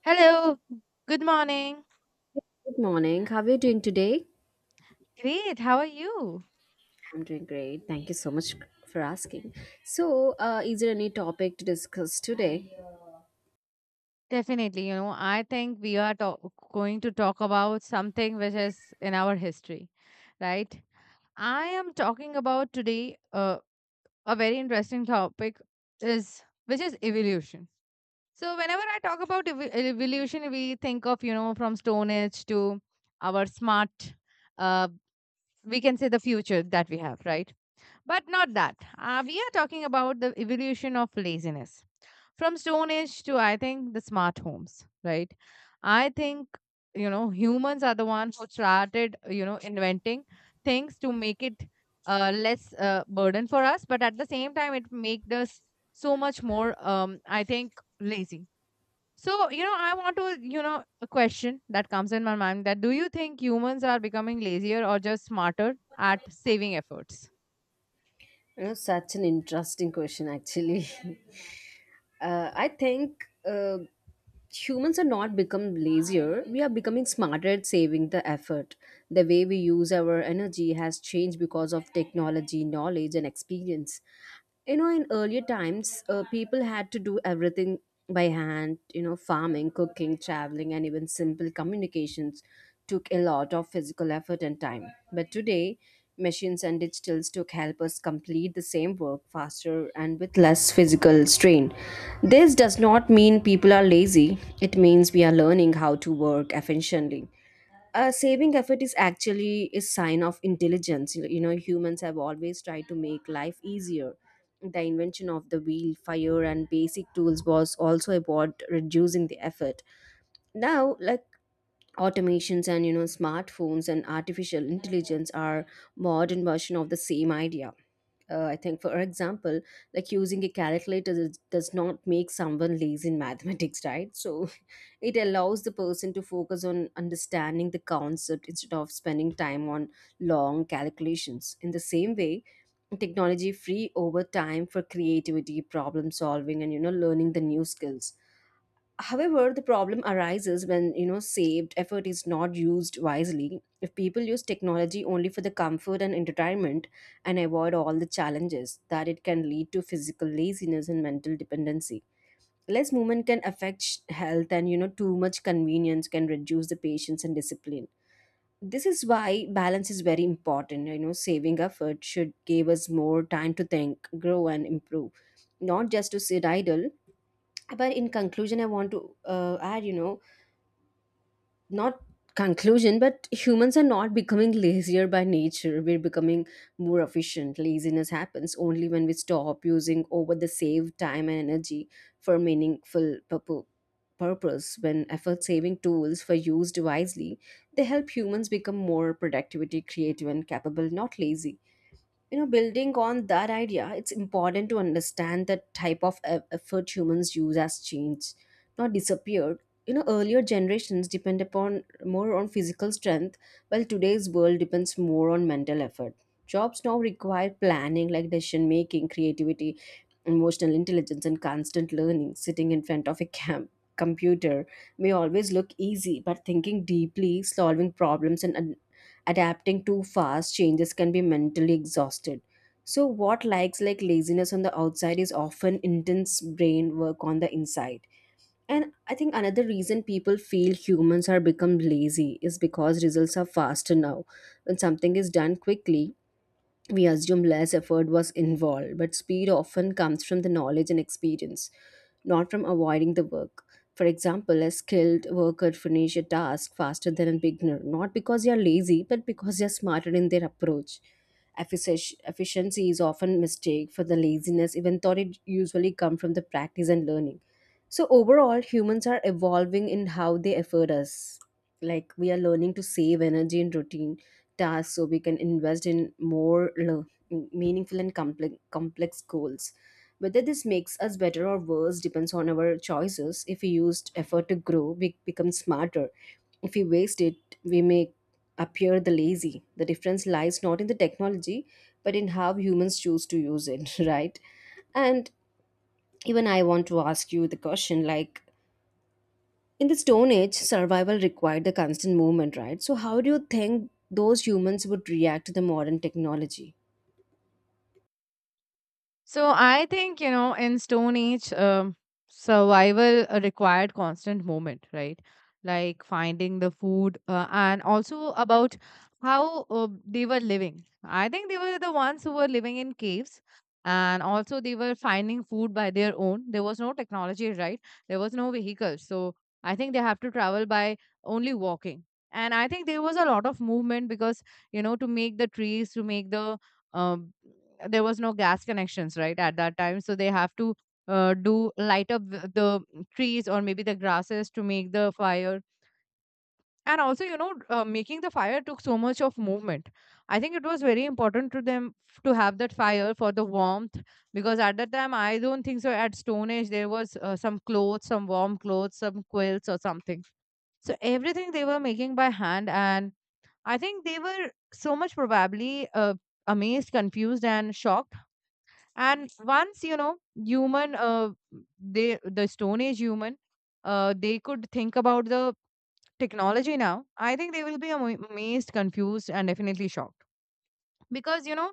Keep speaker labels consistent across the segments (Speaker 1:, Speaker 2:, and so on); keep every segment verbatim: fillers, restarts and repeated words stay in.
Speaker 1: Hello. Good morning.
Speaker 2: Good morning. How are you doing today?
Speaker 1: Great. How are you?
Speaker 2: I'm doing great. Thank you so much for asking. So, uh, is there any topic to discuss today?
Speaker 1: Definitely, you know, I think we are talk- going to talk about something which is in our history, right? I am talking about today uh, a very interesting topic is which is evolution. So whenever I talk about ev- evolution, we think of you know from Stone Age to our smart, uh, we can say the future that we have, right? But not that. Uh, we are talking about the evolution of laziness from Stone Age to, I think, the smart homes, right? I think, you know, humans are the ones who started, you know, inventing things to make it uh, less uh, burden for us. But at the same time, it made us so much more, um, I think, lazy. So, you know, I want to, you know, a question that comes in my mind that do you think humans are becoming lazier or just smarter at saving efforts?
Speaker 2: You know, such an interesting question, actually. Uh, I think uh, humans are not become lazier, we are becoming smarter at saving the effort. The way we use our energy has changed because of technology, knowledge and experience. You know, in earlier times, uh, people had to do everything by hand, you know, farming, cooking, traveling and even simple communications took a lot of physical effort and time. But today machines and digital tools help us complete the same work faster and with less physical strain. This does not mean people are lazy, it means we are learning how to work efficiently. Uh, saving effort is actually a sign of intelligence. You you know, humans have always tried to make life easier. The invention of the wheel, fire, and basic tools was also about reducing the effort. Now, like, automations and, you know, smartphones and artificial intelligence are modern version of the same idea. uh, I think, for example, like, using a calculator does does not make someone lazy in mathematics, right? So it allows the person to focus on understanding the concept instead of spending time on long calculations. In the same way, technology free over time for creativity, problem solving and, you know, learning the new skills. However, the problem arises when, you know, saved effort is not used wisely. If people use technology only for the comfort and entertainment and avoid all the challenges, that it can lead to physical laziness and mental dependency. Less movement can affect sh- health and, you know, too much convenience can reduce the patience and discipline. This is why balance is very important. You know, saving effort should give us more time to think, grow and improve, not just to sit idle. But in conclusion, I want to uh, add, you know, not conclusion, but humans are not becoming lazier by nature, we're becoming more efficient. Laziness happens only when we stop using over the saved time and energy for meaningful purpo- purpose. When effort saving tools were used wisely, they help humans become more productivity, creative and capable, not lazy. You know, building on that idea, it's important to understand the type of e- effort humans use has changed, not disappeared. You know, earlier generations depend upon more on physical strength, while today's world depends more on mental effort. Jobs now require planning, like decision making, creativity, emotional intelligence and constant learning. Sitting in front of a cam- computer may always look easy, but thinking deeply, solving problems and ad- adapting too fast changes can be mentally exhausted. So what likes like laziness on the outside is often intense brain work on the inside. And I think another reason people feel humans are become lazy is because results are faster now. When something is done quickly, we assume less effort was involved, but speed often comes from the knowledge and experience, not from avoiding the work. For example, a skilled worker finish a task faster than a beginner, not because they are lazy, but because they are smarter in their approach. Effici- Efficiency is often mistake for the laziness, even though it usually comes from the practice and learning. So overall, humans are evolving in how they effort us. Like, we are learning to save energy and routine tasks so we can invest in more le- meaningful and complex, complex goals. Whether this makes us better or worse depends on our choices. If we used effort to grow, we become smarter. If we waste it, we may appear the lazy. The difference lies not in the technology, but in how humans choose to use it, right? And even I want to ask you the question, like, in the Stone Age, survival required the constant movement, right? So, how do you think those humans would react to the modern technology?
Speaker 1: So I think, you know, in Stone Age, um, survival uh, required constant movement, right? Like finding the food uh, and also about how uh, they were living. I think they were the ones who were living in caves, and also they were finding food by their own. There was no technology, right? There was no vehicles. So I think they have to travel by only walking. And I think there was a lot of movement because, you know, to make the trees, to make the um there was no gas connections right at that time, so they have to uh, do light up the the trees or maybe the grasses to make the fire. And also, you know, uh, making the fire took so much of movement. I think it was very important to them f- to have that fire for the warmth, because at that time I don't think so at Stone Age there was uh, some clothes, some warm clothes, some quilts or something. So everything they were making by hand. And I think they were so much probably uh, amazed, confused and shocked. And once, you know, human uh, they the Stone Age human, uh, they could think about the technology now, I think they will be ama- amazed, confused and definitely shocked, because, you know,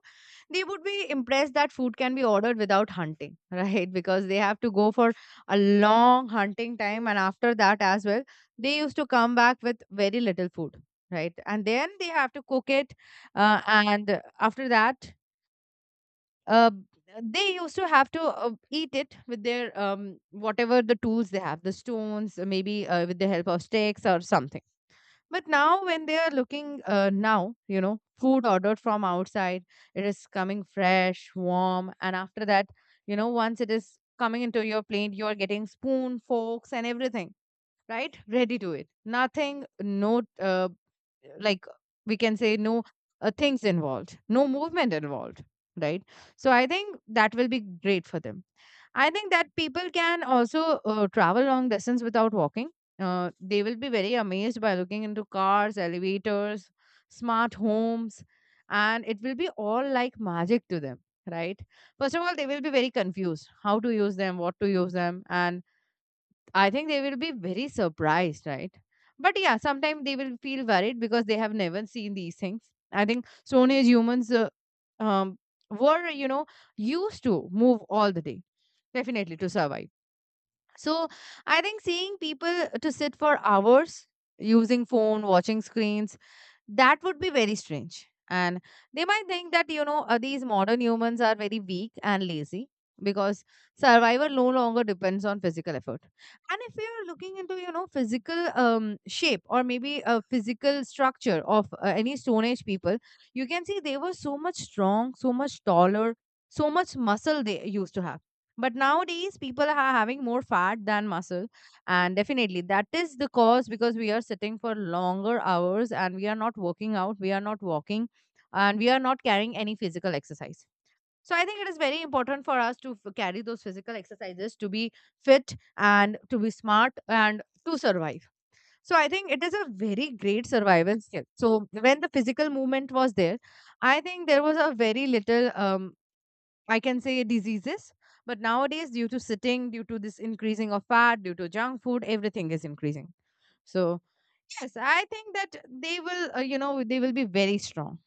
Speaker 1: they would be impressed that food can be ordered without hunting right, because they have to go for a long hunting time, and after that as well they used to come back with very little food, right, and then they have to cook it, uh, and after that, uh, they used to have to uh, eat it with their um, whatever the tools they have, the stones, uh, maybe uh, with the help of sticks or something. But now, when they are looking uh, now, you know, food ordered from outside, it is coming fresh, warm, and after that, you know, once it is coming into your plate, you are getting spoon, forks, and everything right ready to it. Nothing, no uh, like we can say no uh, things involved, no movement involved, right. So I think that will be great for them. I think that people can also uh, travel long distance without walking. Uh, they will be very amazed by looking into cars, elevators, smart homes, and it will be all like magic to them, right. First of all, they will be very confused how to use them, what to use them, and I think they will be very surprised, right? But yeah, sometimes they will feel worried because they have never seen these things. I think Stone Age humans uh, um, were, you know, used to move all the day, definitely to survive. So I think seeing people to sit for hours using phone, watching screens, that would be very strange, and they might think that, you know, uh, these modern humans are very weak and lazy, because survival no longer depends on physical effort. And if you're looking into, you know, physical um, shape or maybe a physical structure of uh, any Stone Age people, you can see they were so much strong, so much taller, so much muscle they used to have. But nowadays people are having more fat than muscle, and definitely that is the cause, because we are sitting for longer hours, and we are not working out, we are not walking, and we are not carrying any physical exercise. So I think it is very important for us to f- carry those physical exercises to be fit and to be smart and to survive. So I think it is a very great survival skill. So when the physical movement was there, I think there was a very little um, I can say diseases. But nowadays, due to sitting, due to this increasing of fat, due to junk food, everything is increasing. So yes, I think that they will, uh, you know, they will be very strong.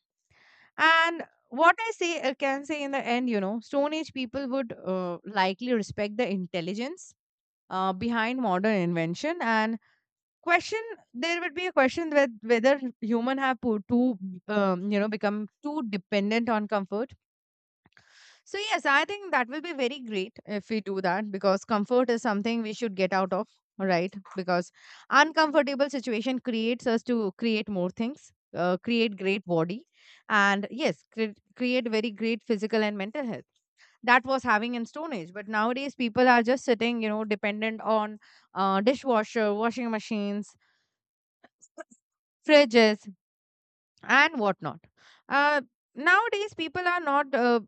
Speaker 1: And what I say, I can say in the end, you know, Stone Age people would uh, likely respect the intelligence uh, behind modern invention and question. There would be a question with whether human have put too, um, you know, become too dependent on comfort. So, yes, I think that will be very great if we do that, because comfort is something we should get out of, right? Because uncomfortable situation creates us to create more things, uh, create great body, and yes, cre- create very great physical and mental health. That was having in Stone Age, but nowadays people are just sitting, you know, dependent on uh, dishwasher, washing machines, fridges and whatnot. Uh, nowadays, people are not, uh,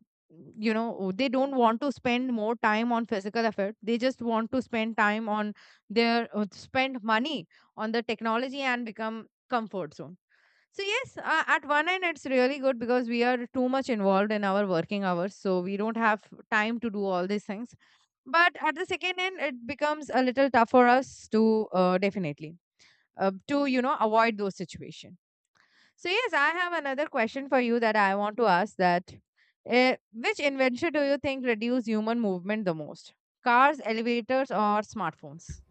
Speaker 1: you know, they don't want to spend more time on physical effort. They just want to spend time on their, uh, spend money on the technology and become comfort zone. So yes, uh, at one end it's really good, because we are too much involved in our working hours, so we don't have time to do all these things. But at the second end, it becomes a little tough for us to uh, definitely uh, to, you know, avoid those situations. So yes, I have another question for you that I want to ask, that uh, which invention do you think reduce human movement the most? Cars, elevators or smartphones?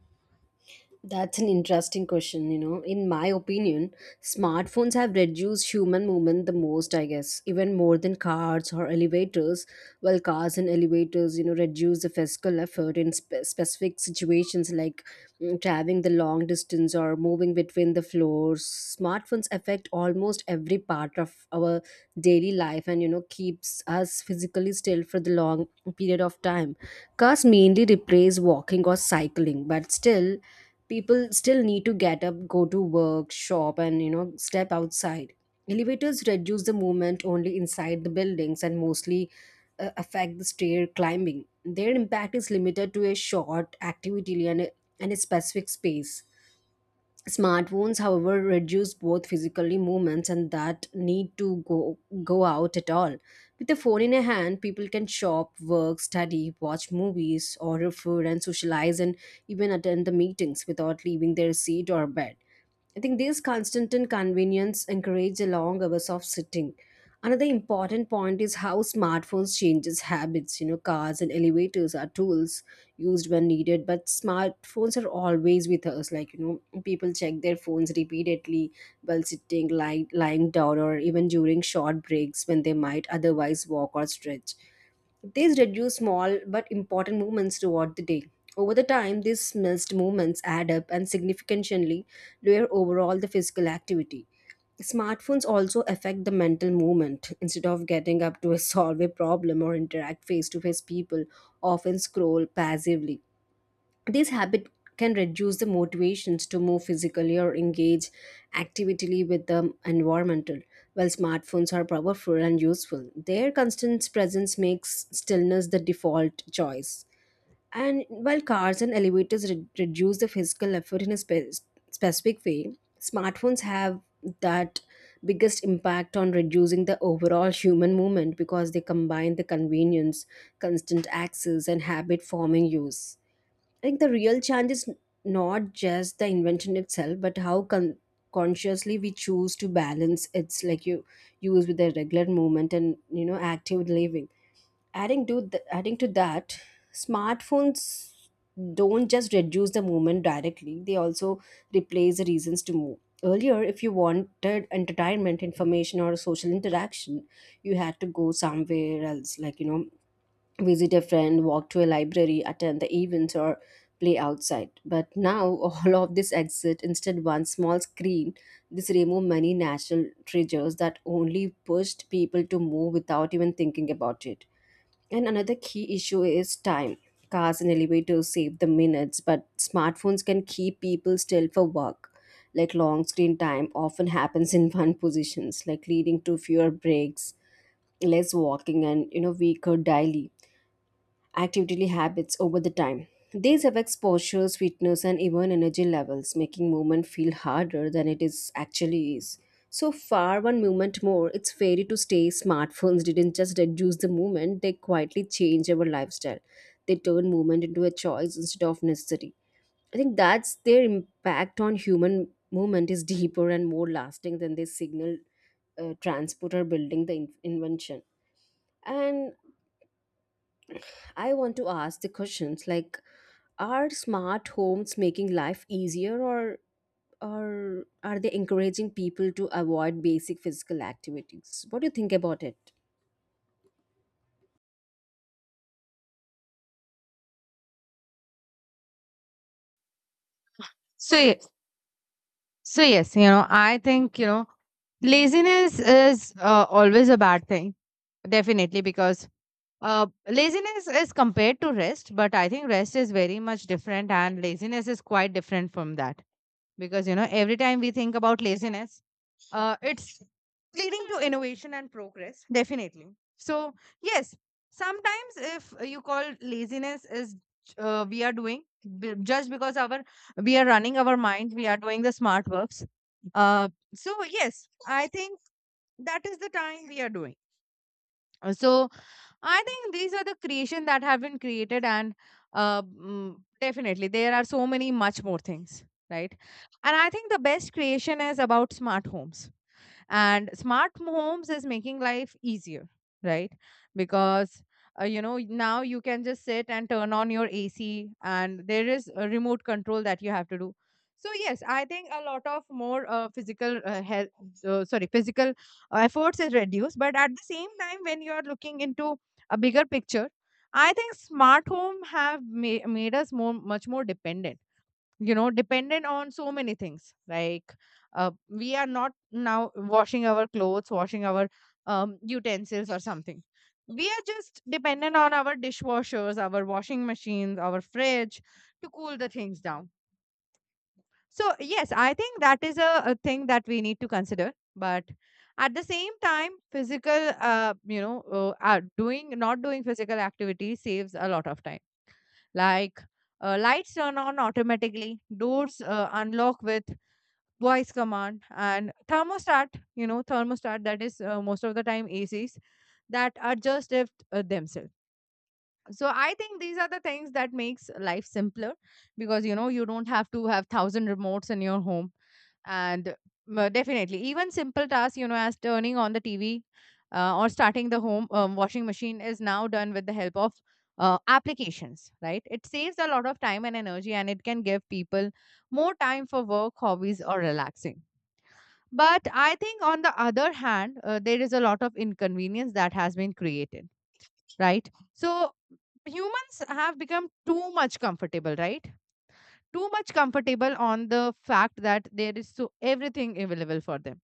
Speaker 2: That's an interesting question, you know. In my opinion, smartphones have reduced human movement the most, I guess, even more than cars or elevators. While cars and elevators, you know, reduce the physical effort in spe- specific situations like, mm, traveling the long distance or moving between the floors. Smartphones affect almost every part of our daily life and, you know, keeps us physically still for the long period of time. Cars mainly replace walking or cycling, but still people still need to get up, go to work, shop and, you know, step outside. Elevators reduce the movement only inside the buildings and mostly uh, affect the stair climbing. Their impact is limited to a short activity and a, and a specific space. Smartphones, however, reduce both physically movements and that need to go go out at all. With a phone in a hand, people can shop, work, study, watch movies, order food, and socialize, and even attend the meetings without leaving their seat or bed. I think this constant inconvenience encourages long hours of sitting. Another important point is how smartphones changes habits. You know, cars and elevators are tools used when needed, but smartphones are always with us. Like, you know, people check their phones repeatedly while sitting, lying, lying down or even during short breaks when they might otherwise walk or stretch. These reduce small but important movements throughout the day. Over the time, these missed movements add up and significantly lower overall the physical activity. Smartphones also affect the mental movement. Instead of getting up to solve a problem or interact face to face, people often scroll passively. This habit can reduce the motivations to move physically or engage actively with the environmental. While smartphones are powerful and useful, their constant presence makes stillness the default choice. And while cars and elevators re- reduce the physical effort in a spe- specific way, smartphones have that biggest impact on reducing the overall human movement because they combine the convenience, constant access and habit forming use. Like, the real challenge is not just the invention itself, but how con- consciously we choose to balance its, like, you use with the regular movement and, you know, active living. Adding to th- adding to that, smartphones don't just reduce the movement directly, they also replace the reasons to move. Earlier, if you wanted entertainment, information or social interaction, you had to go somewhere else, like, you know, visit a friend, walk to a library, attend the events, or play outside. But now all of this exit instead one small screen. This remove many natural triggers that only pushed people to move without even thinking about it. And another key issue is time. Cars and elevators save the minutes, but smartphones can keep people still for work. Like, long screen time often happens in one positions, like leading to fewer breaks, less walking, and, you know, weaker daily activity habits over the time. These affects posture, fitness, and even energy levels, making movement feel harder than it is actually is. So far, one movement more. It's fair to stay. Smartphones didn't just reduce the movement; they quietly change our lifestyle. They turn movement into a choice instead of necessity. I think that's their impact on human movement is deeper and more lasting than they signal uh, transport or building the in- invention. And I want to ask the questions, like, are smart homes making life easier, or or are they encouraging people to avoid basic physical activities? What do you think about it?
Speaker 1: So yes, so yes, you know, I think, you know, laziness is uh, always a bad thing, definitely, because uh, laziness is compared to rest, but I think rest is very much different, and laziness is quite different from that, because, you know, every time we think about laziness, uh, it's leading to innovation and progress definitely. So yes, sometimes if you call laziness is, uh, we are doing b- just because our, we are running our mind, we are doing the smart works, uh, so yes I think that is the time we are doing. Uh, so I think these are the creation that have been created, and uh, mm, definitely there are so many much more things, right. And I think the best creation is about smart homes, and smart homes is making life easier, right, because, uh, you know, now you can just sit and turn on your AC, and there is a remote control that you have to do. So yes, I think a lot of more uh, physical uh, health uh, sorry physical efforts is reduced. But at the same time, when you are looking into a bigger picture, I think smart home have ma- made us more, much more dependent, you know, dependent on so many things, like uh, we are not now washing our clothes, washing our um, utensils or something, we are just dependent on our dishwashers, our washing machines, our fridge to cool the things down. So yes, I think that is a, a thing that we need to consider. But at the same time, physical, uh, you know, uh, uh, doing, not doing physical activity saves a lot of time, like, uh, lights turn on automatically, doors uh, unlock with voice command, and thermostat, you know, thermostat that is, uh, most of the time A Cs that adjust it uh, themselves. So I think these are the things that makes life simpler, because, you know, you don't have to have thousand remotes in your home. And uh, definitely even simple tasks, you know, as turning on the TV, uh, or starting the home um, washing machine, is now done with the help of uh, applications, right. It saves a lot of time and energy, and it can give people more time for work, hobbies or relaxing. But I think on the other hand, uh, there is a lot of inconvenience that has been created, right? So humans have become too much comfortable, right? Too much comfortable on the fact that there is so everything available for them.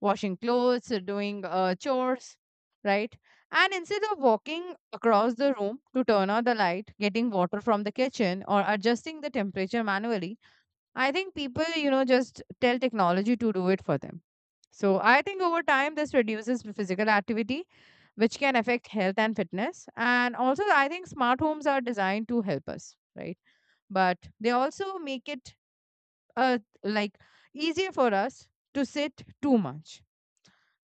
Speaker 1: Washing clothes, uh, doing uh, chores, right? And instead of walking across the room to turn on the light, getting water from the kitchen, or adjusting the temperature manually, I think people, you know, just tell technology to do it for them. So I think over time, this reduces physical activity which can affect health and fitness. And also, I think smart homes are designed to help us, right? But they also make it uh, like easier for us to sit too much.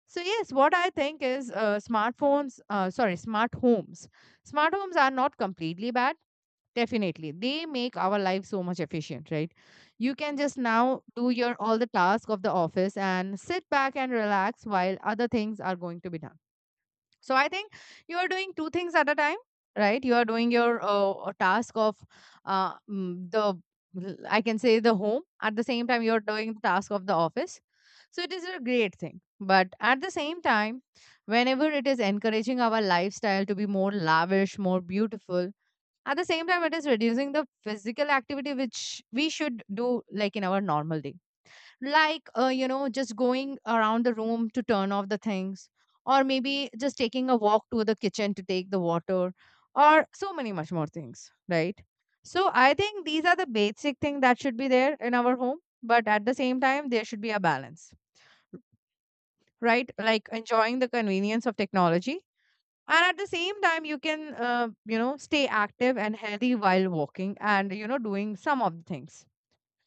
Speaker 1: So yes, what I think is uh, smartphones, uh, sorry, smart homes. Smart homes are not completely bad. Definitely, they make our life so much efficient, right? You can just now do your all the task of the office and sit back and relax while other things are going to be done. So I think you are doing two things at a time, right? You are doing your uh, task of uh, mm, the l- I can say the home at the same time you are doing the task of the office. So it is a great thing. But at the same time, whenever it is encouraging our lifestyle to be more lavish, more beautiful, at the same time it is reducing the physical activity which we should do like in our normal day, like, uh, you know just going around the room to turn off the things, or maybe just taking a walk to the kitchen to take the water, or so many much more things, right? So I think these are the basic thing that should be there in our home, but at the same time there should be a balance, right? Like enjoying the convenience of technology, and at the same time you can, uh, you know stay active and healthy while walking and, you know doing some of the things.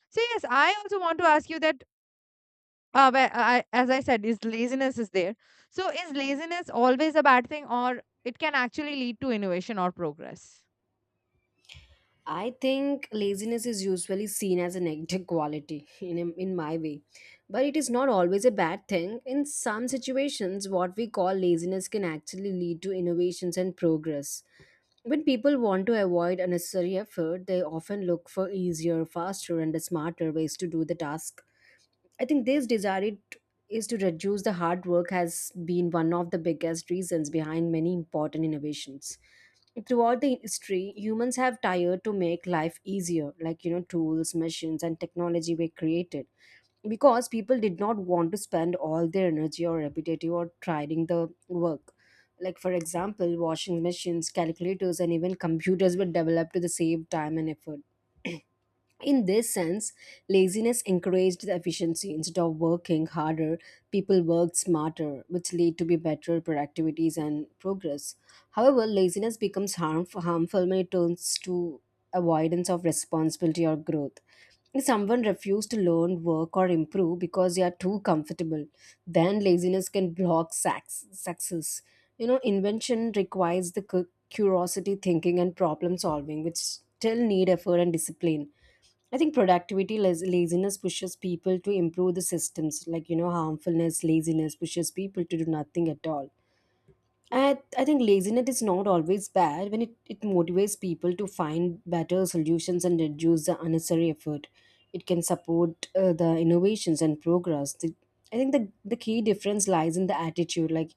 Speaker 1: So yes, I also want to ask you that, uh, but I, as I said, is laziness is there. So is laziness always a bad thing, or it can actually lead to innovation or progress?
Speaker 2: I think laziness is usually seen as a negative quality in in my way, but it is not always a bad thing. In some situations, what we call laziness can actually lead to innovations and progress. When people want to avoid unnecessary effort, they often look for easier, faster, and smarter ways to do the task. I think this desire it is to reduce the hard work has been one of the biggest reasons behind many important innovations. Throughout the history, humans have tired to make life easier, like, you know, tools, machines, and technology were created because people did not want to spend all their energy or repetitive or trying the work. Like, for example, washing machines, calculators, and even computers were developed to the save time and effort. In this sense, laziness encouraged the efficiency. Instead of working harder, people worked smarter, which lead to be better productivities and progress. However, laziness becomes harmful, harmful when it turns to avoidance of responsibility or growth. If someone refuses to learn, work, or improve because they are too comfortable, then laziness can block sax- success. You know, invention requires the cu- curiosity, thinking, and problem solving, which still need effort and discipline. I think productivity laz- laziness pushes people to improve the systems, like, you know, harmfulness, laziness pushes people to do nothing at all. I, I think laziness is not always bad when it, it motivates people to find better solutions and reduce the unnecessary effort. It can support uh, the innovations and progress. The, I think the, the key difference lies in the attitude. Like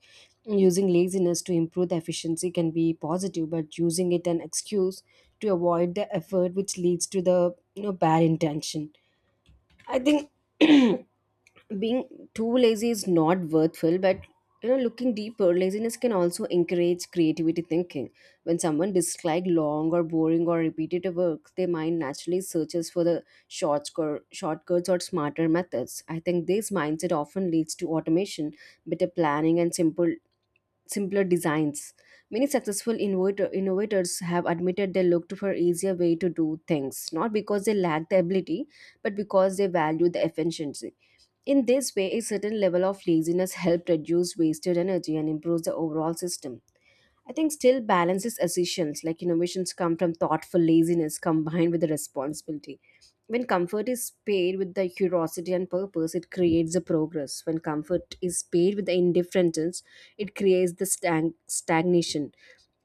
Speaker 2: using laziness to improve the efficiency can be positive, but using it an excuse to avoid the effort, which leads to the you know bad intention. I think being too lazy is not worthful, but you know, looking deeper, laziness can also encourage creativity thinking. When someone dislike long or boring or repetitive work, their mind naturally searches for the shortcut- shortcuts or smarter methods. I think this mindset often leads to automation, better planning, and simple simpler designs. Many successful innovator, innovators have admitted they looked for easier way to do things, not because they lack the ability but because they value the efficiency. In this way, a certain level of laziness helps reduce wasted energy and improves the overall system. I think still balance is essential, like innovations come from thoughtful laziness combined with the responsibility. When comfort is paired with the curiosity and purpose, it creates the progress. When comfort is paired with the indifference, it creates the stag- stagnation.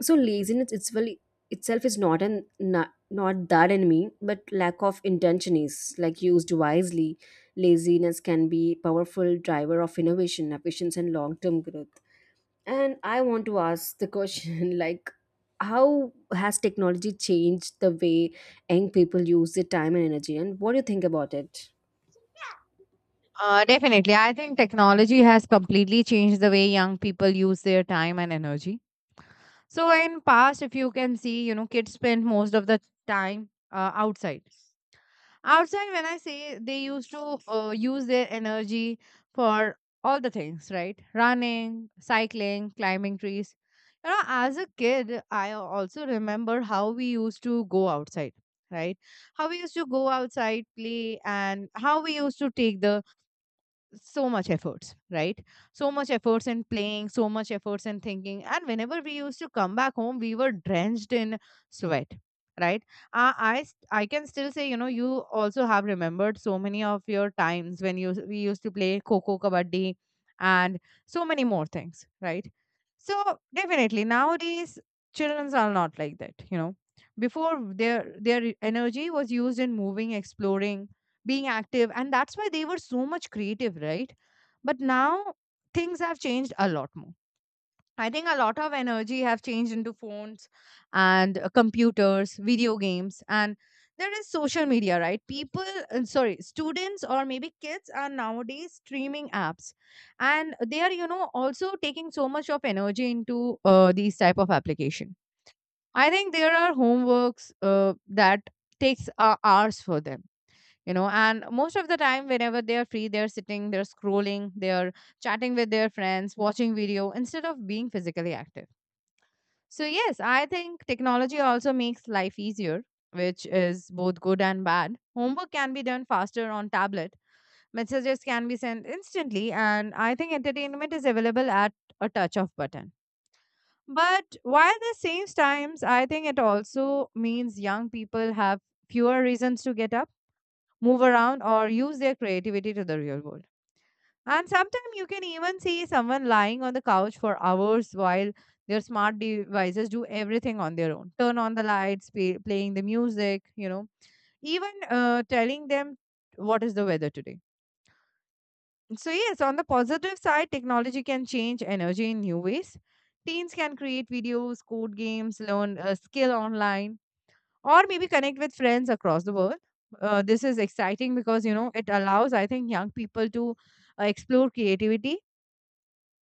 Speaker 2: So laziness itself itself is not an not, not that enemy, but lack of intention is. Like used wisely, laziness can be powerful driver of innovation, efficiency, and long term growth. And I want to ask the question, like, how has technology changed the way young people use their time and energy, and what do you think about it?
Speaker 1: Uh, definitely. I think technology has completely changed the way young people use their time and energy. So in past, if you can see, you know, kids spend most of the time uh, outside. Outside when I say, they used to uh, use their energy for all the things, right? Running, cycling, climbing trees. You know, as a kid, I also remember how we used to go outside, right? How we used to go outside play, and how we used to take the so much efforts, right? So much efforts in playing, so much efforts in thinking, and whenever we used to come back home we were drenched in sweat, right? uh, i s- I can still say, you know, you also have remembered so many of your times when you we used to play coco kabaddi and so many more things, right? So definitely nowadays children are not like that, you know. Before, their their energy was used in moving, exploring, being active, and that's why they were so much creative, right? But now things have changed a lot more. I think a lot of energy have changed into phones and uh, computers, video games, and there is social media, right? People, uh, sorry, students or maybe kids are nowadays streaming apps, and they are, you know, also taking so much of energy into uh, these type of application. I think there are homeworks, uh, that takes uh, hours for them, you know. And most of the time, whenever they are free, they're sitting, they're scrolling, they're chatting with their friends, watching video instead of being physically active. So yes, I think technology also makes life easier, which is both good and bad. Homework can be done faster on tablet, messages can be sent instantly, and I think entertainment is available at a touch of button. But while the same times, I think it also means young people have fewer reasons to get up, move around, or use their creativity to the real world. And sometimes you can even see someone lying on the couch for hours while their smart devices do everything on their own: turn on the lights, play, playing the music, you know, even uh, telling them what is the weather today. So, yes, on the positive side, technology can change energy in new ways. Teens can create videos, code games, learn a skill online, or maybe connect with friends across the world. Uh, this is exciting because, you know, it allows, I think, young people to uh, explore creativity.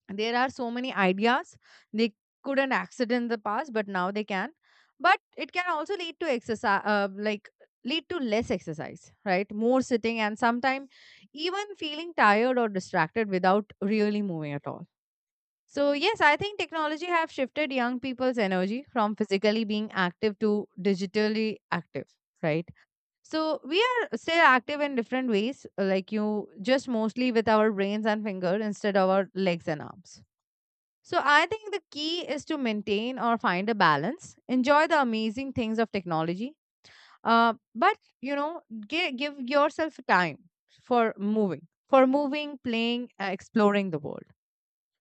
Speaker 1: There are so many ideas they couldn't access in the past, but now they can. But it can also lead to exercise, uh, like lead to less exercise, right? More sitting, and sometimes even feeling tired or distracted without really moving at all. So yes, I think technology have shifted young people's energy from physically being active to digitally active, right? So we are still active in different ways, uh, like you just mostly with our brains and finger instead of our legs and arms. So I think the key is to maintain or find a balance, enjoy the amazing things of technology, uh, but, you know, give, give yourself time for moving, for moving, playing, uh, exploring the world.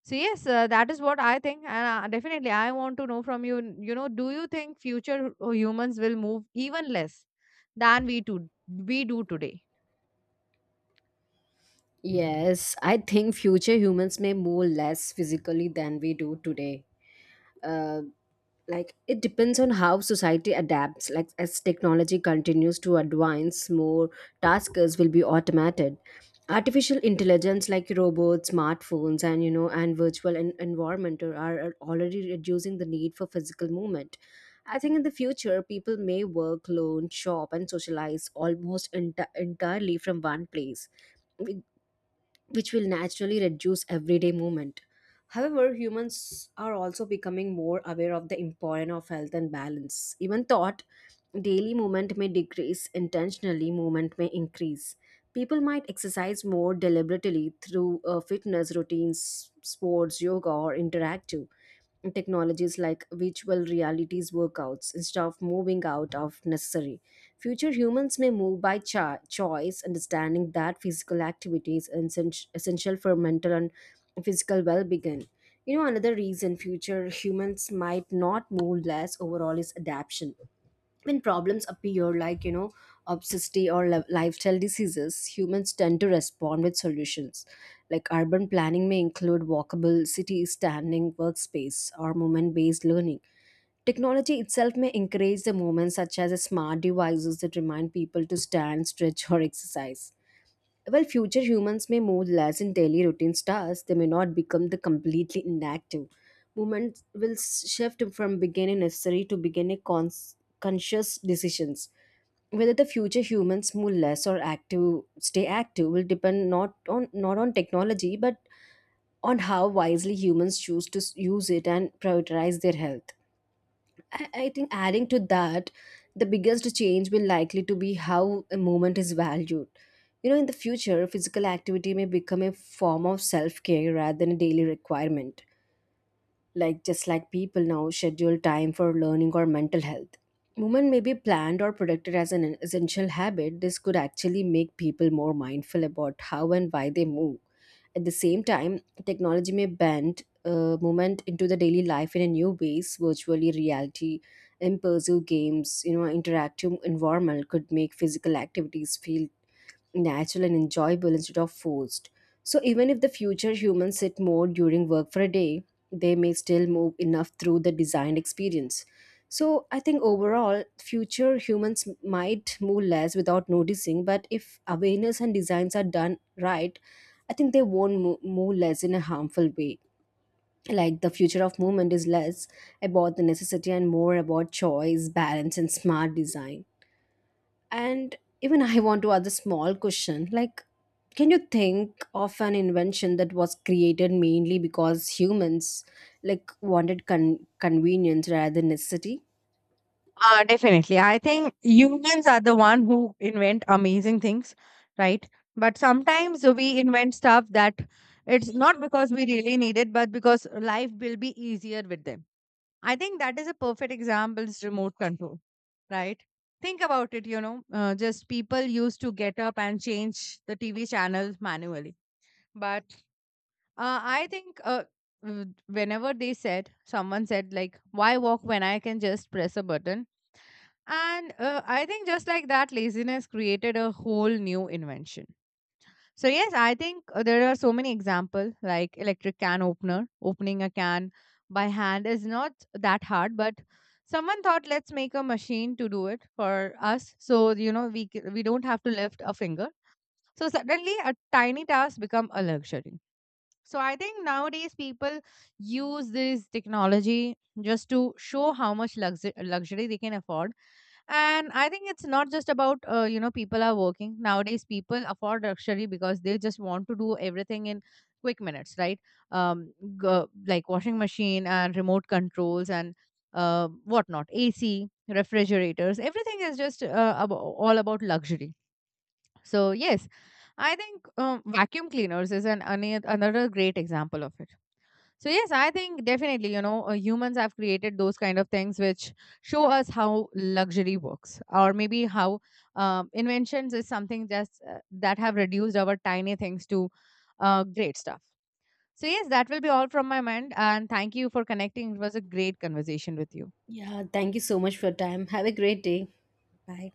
Speaker 1: So yes, uh, that is what I think, and uh, definitely I want to know from you. You know, do you think future humans will move even less than we do we do today?
Speaker 2: Yes, I think future humans may move less physically than we do today. Uh. Like it depends on how society adapts. Like as technology continues to advance, more tasks will be automated. Artificial intelligence like robots, smartphones, and you know, and virtual en- environment are, are already reducing the need for physical movement. I think in the future people may work, learn, shop, and socialize almost enti entirely from one place, which will naturally reduce everyday movement. However, humans are also becoming more aware of the importance of health and balance. Even thought daily movement may decrease, intentionally movement may increase. People might exercise more deliberately through uh, fitness routines, sports, yoga, or interactive technologies like virtual realities workouts instead of moving out of necessary. Future humans may move by cho- choice, understanding that physical activity is essen- essential for mental and physical well being. You know, another reason future humans might not move less overall is adaptation. When problems appear, like you know, obesity or li- lifestyle diseases, humans tend to respond with solutions. Like urban planning may include walkable cities, standing workspace, or movement based learning. Technology itself may encourage the movement, such as smart devices that remind people to stand, stretch, or exercise. While future humans may move less in daily routine tasks, they may not become the completely inactive. Movement will shift from beginning necessary to beginning cons- conscious decisions. Whether the future humans move less or active, stay active will depend not on not on technology, but on how wisely humans choose to s- use it and prioritize their health. I, I think adding to that, the biggest change will likely to be how a movement is valued. You know, in the future, physical activity may become a form of self care rather than a daily requirement, like just like people now schedule time for learning or mental health. Movement may be planned or protected as an essential habit. This could actually make people more mindful about how and why they move. At the same time, technology may bend uh, movement into the daily life in a new ways. Virtually reality, immersive games, you know, interactive environment could make physical activities feel natural and enjoyable instead of forced. So even if the future humans sit more during work for a day, they may still move enough through the design experience. So I think overall, future humans might move less without noticing, but if awareness and designs are done right, I think they won't mo- move less in a harmful way. Like the future of movement is less about the necessity and more about choice, balance, and smart design. And even I want to add a small question. Like, can you think of an invention that was created mainly because humans like wanted con- convenience rather than necessity?
Speaker 1: Uh, definitely. I think humans are the one who invent amazing things, right? But sometimes we invent stuff that it's not because we really need it, but because life will be easier with them. I think that is a perfect example is remote control, right? Think about it, you know, uh, just people used to get up and change the T V channels manually. But uh, I think uh, w- whenever they said, someone said, like, why walk when I can just press a button? And uh, I think just like that, laziness created a whole new invention. So, yes, I think uh, there are so many examples like electric can opener. Opening a can by hand is not that hard, but someone thought, let's make a machine to do it for us. So, you know, we, c- we don't have to lift a finger. So, suddenly a tiny task become a luxury. So, I think nowadays people use this technology just to show how much luxu- luxury they can afford. And I think it's not just about, uh, you know, people are working. Nowadays, people afford luxury because they just want to do everything in quick minutes, right? Um, g- like washing machine and remote controls and, uh, whatnot, A C, refrigerators, everything is just uh, abo all about luxury. So, yes, I think um, vacuum cleaners is an, ane- another great example of it. So yes, I think definitely, you know, uh, humans have created those kind of things which show us how luxury works, or maybe how, um, inventions is something just uh, that have reduced our tiny things to uh, great stuff. So yes, that will be all from my mind, and thank you for connecting. It was a great conversation with you.
Speaker 2: Yeah, thank you so much for your time. Have a great day. Bye.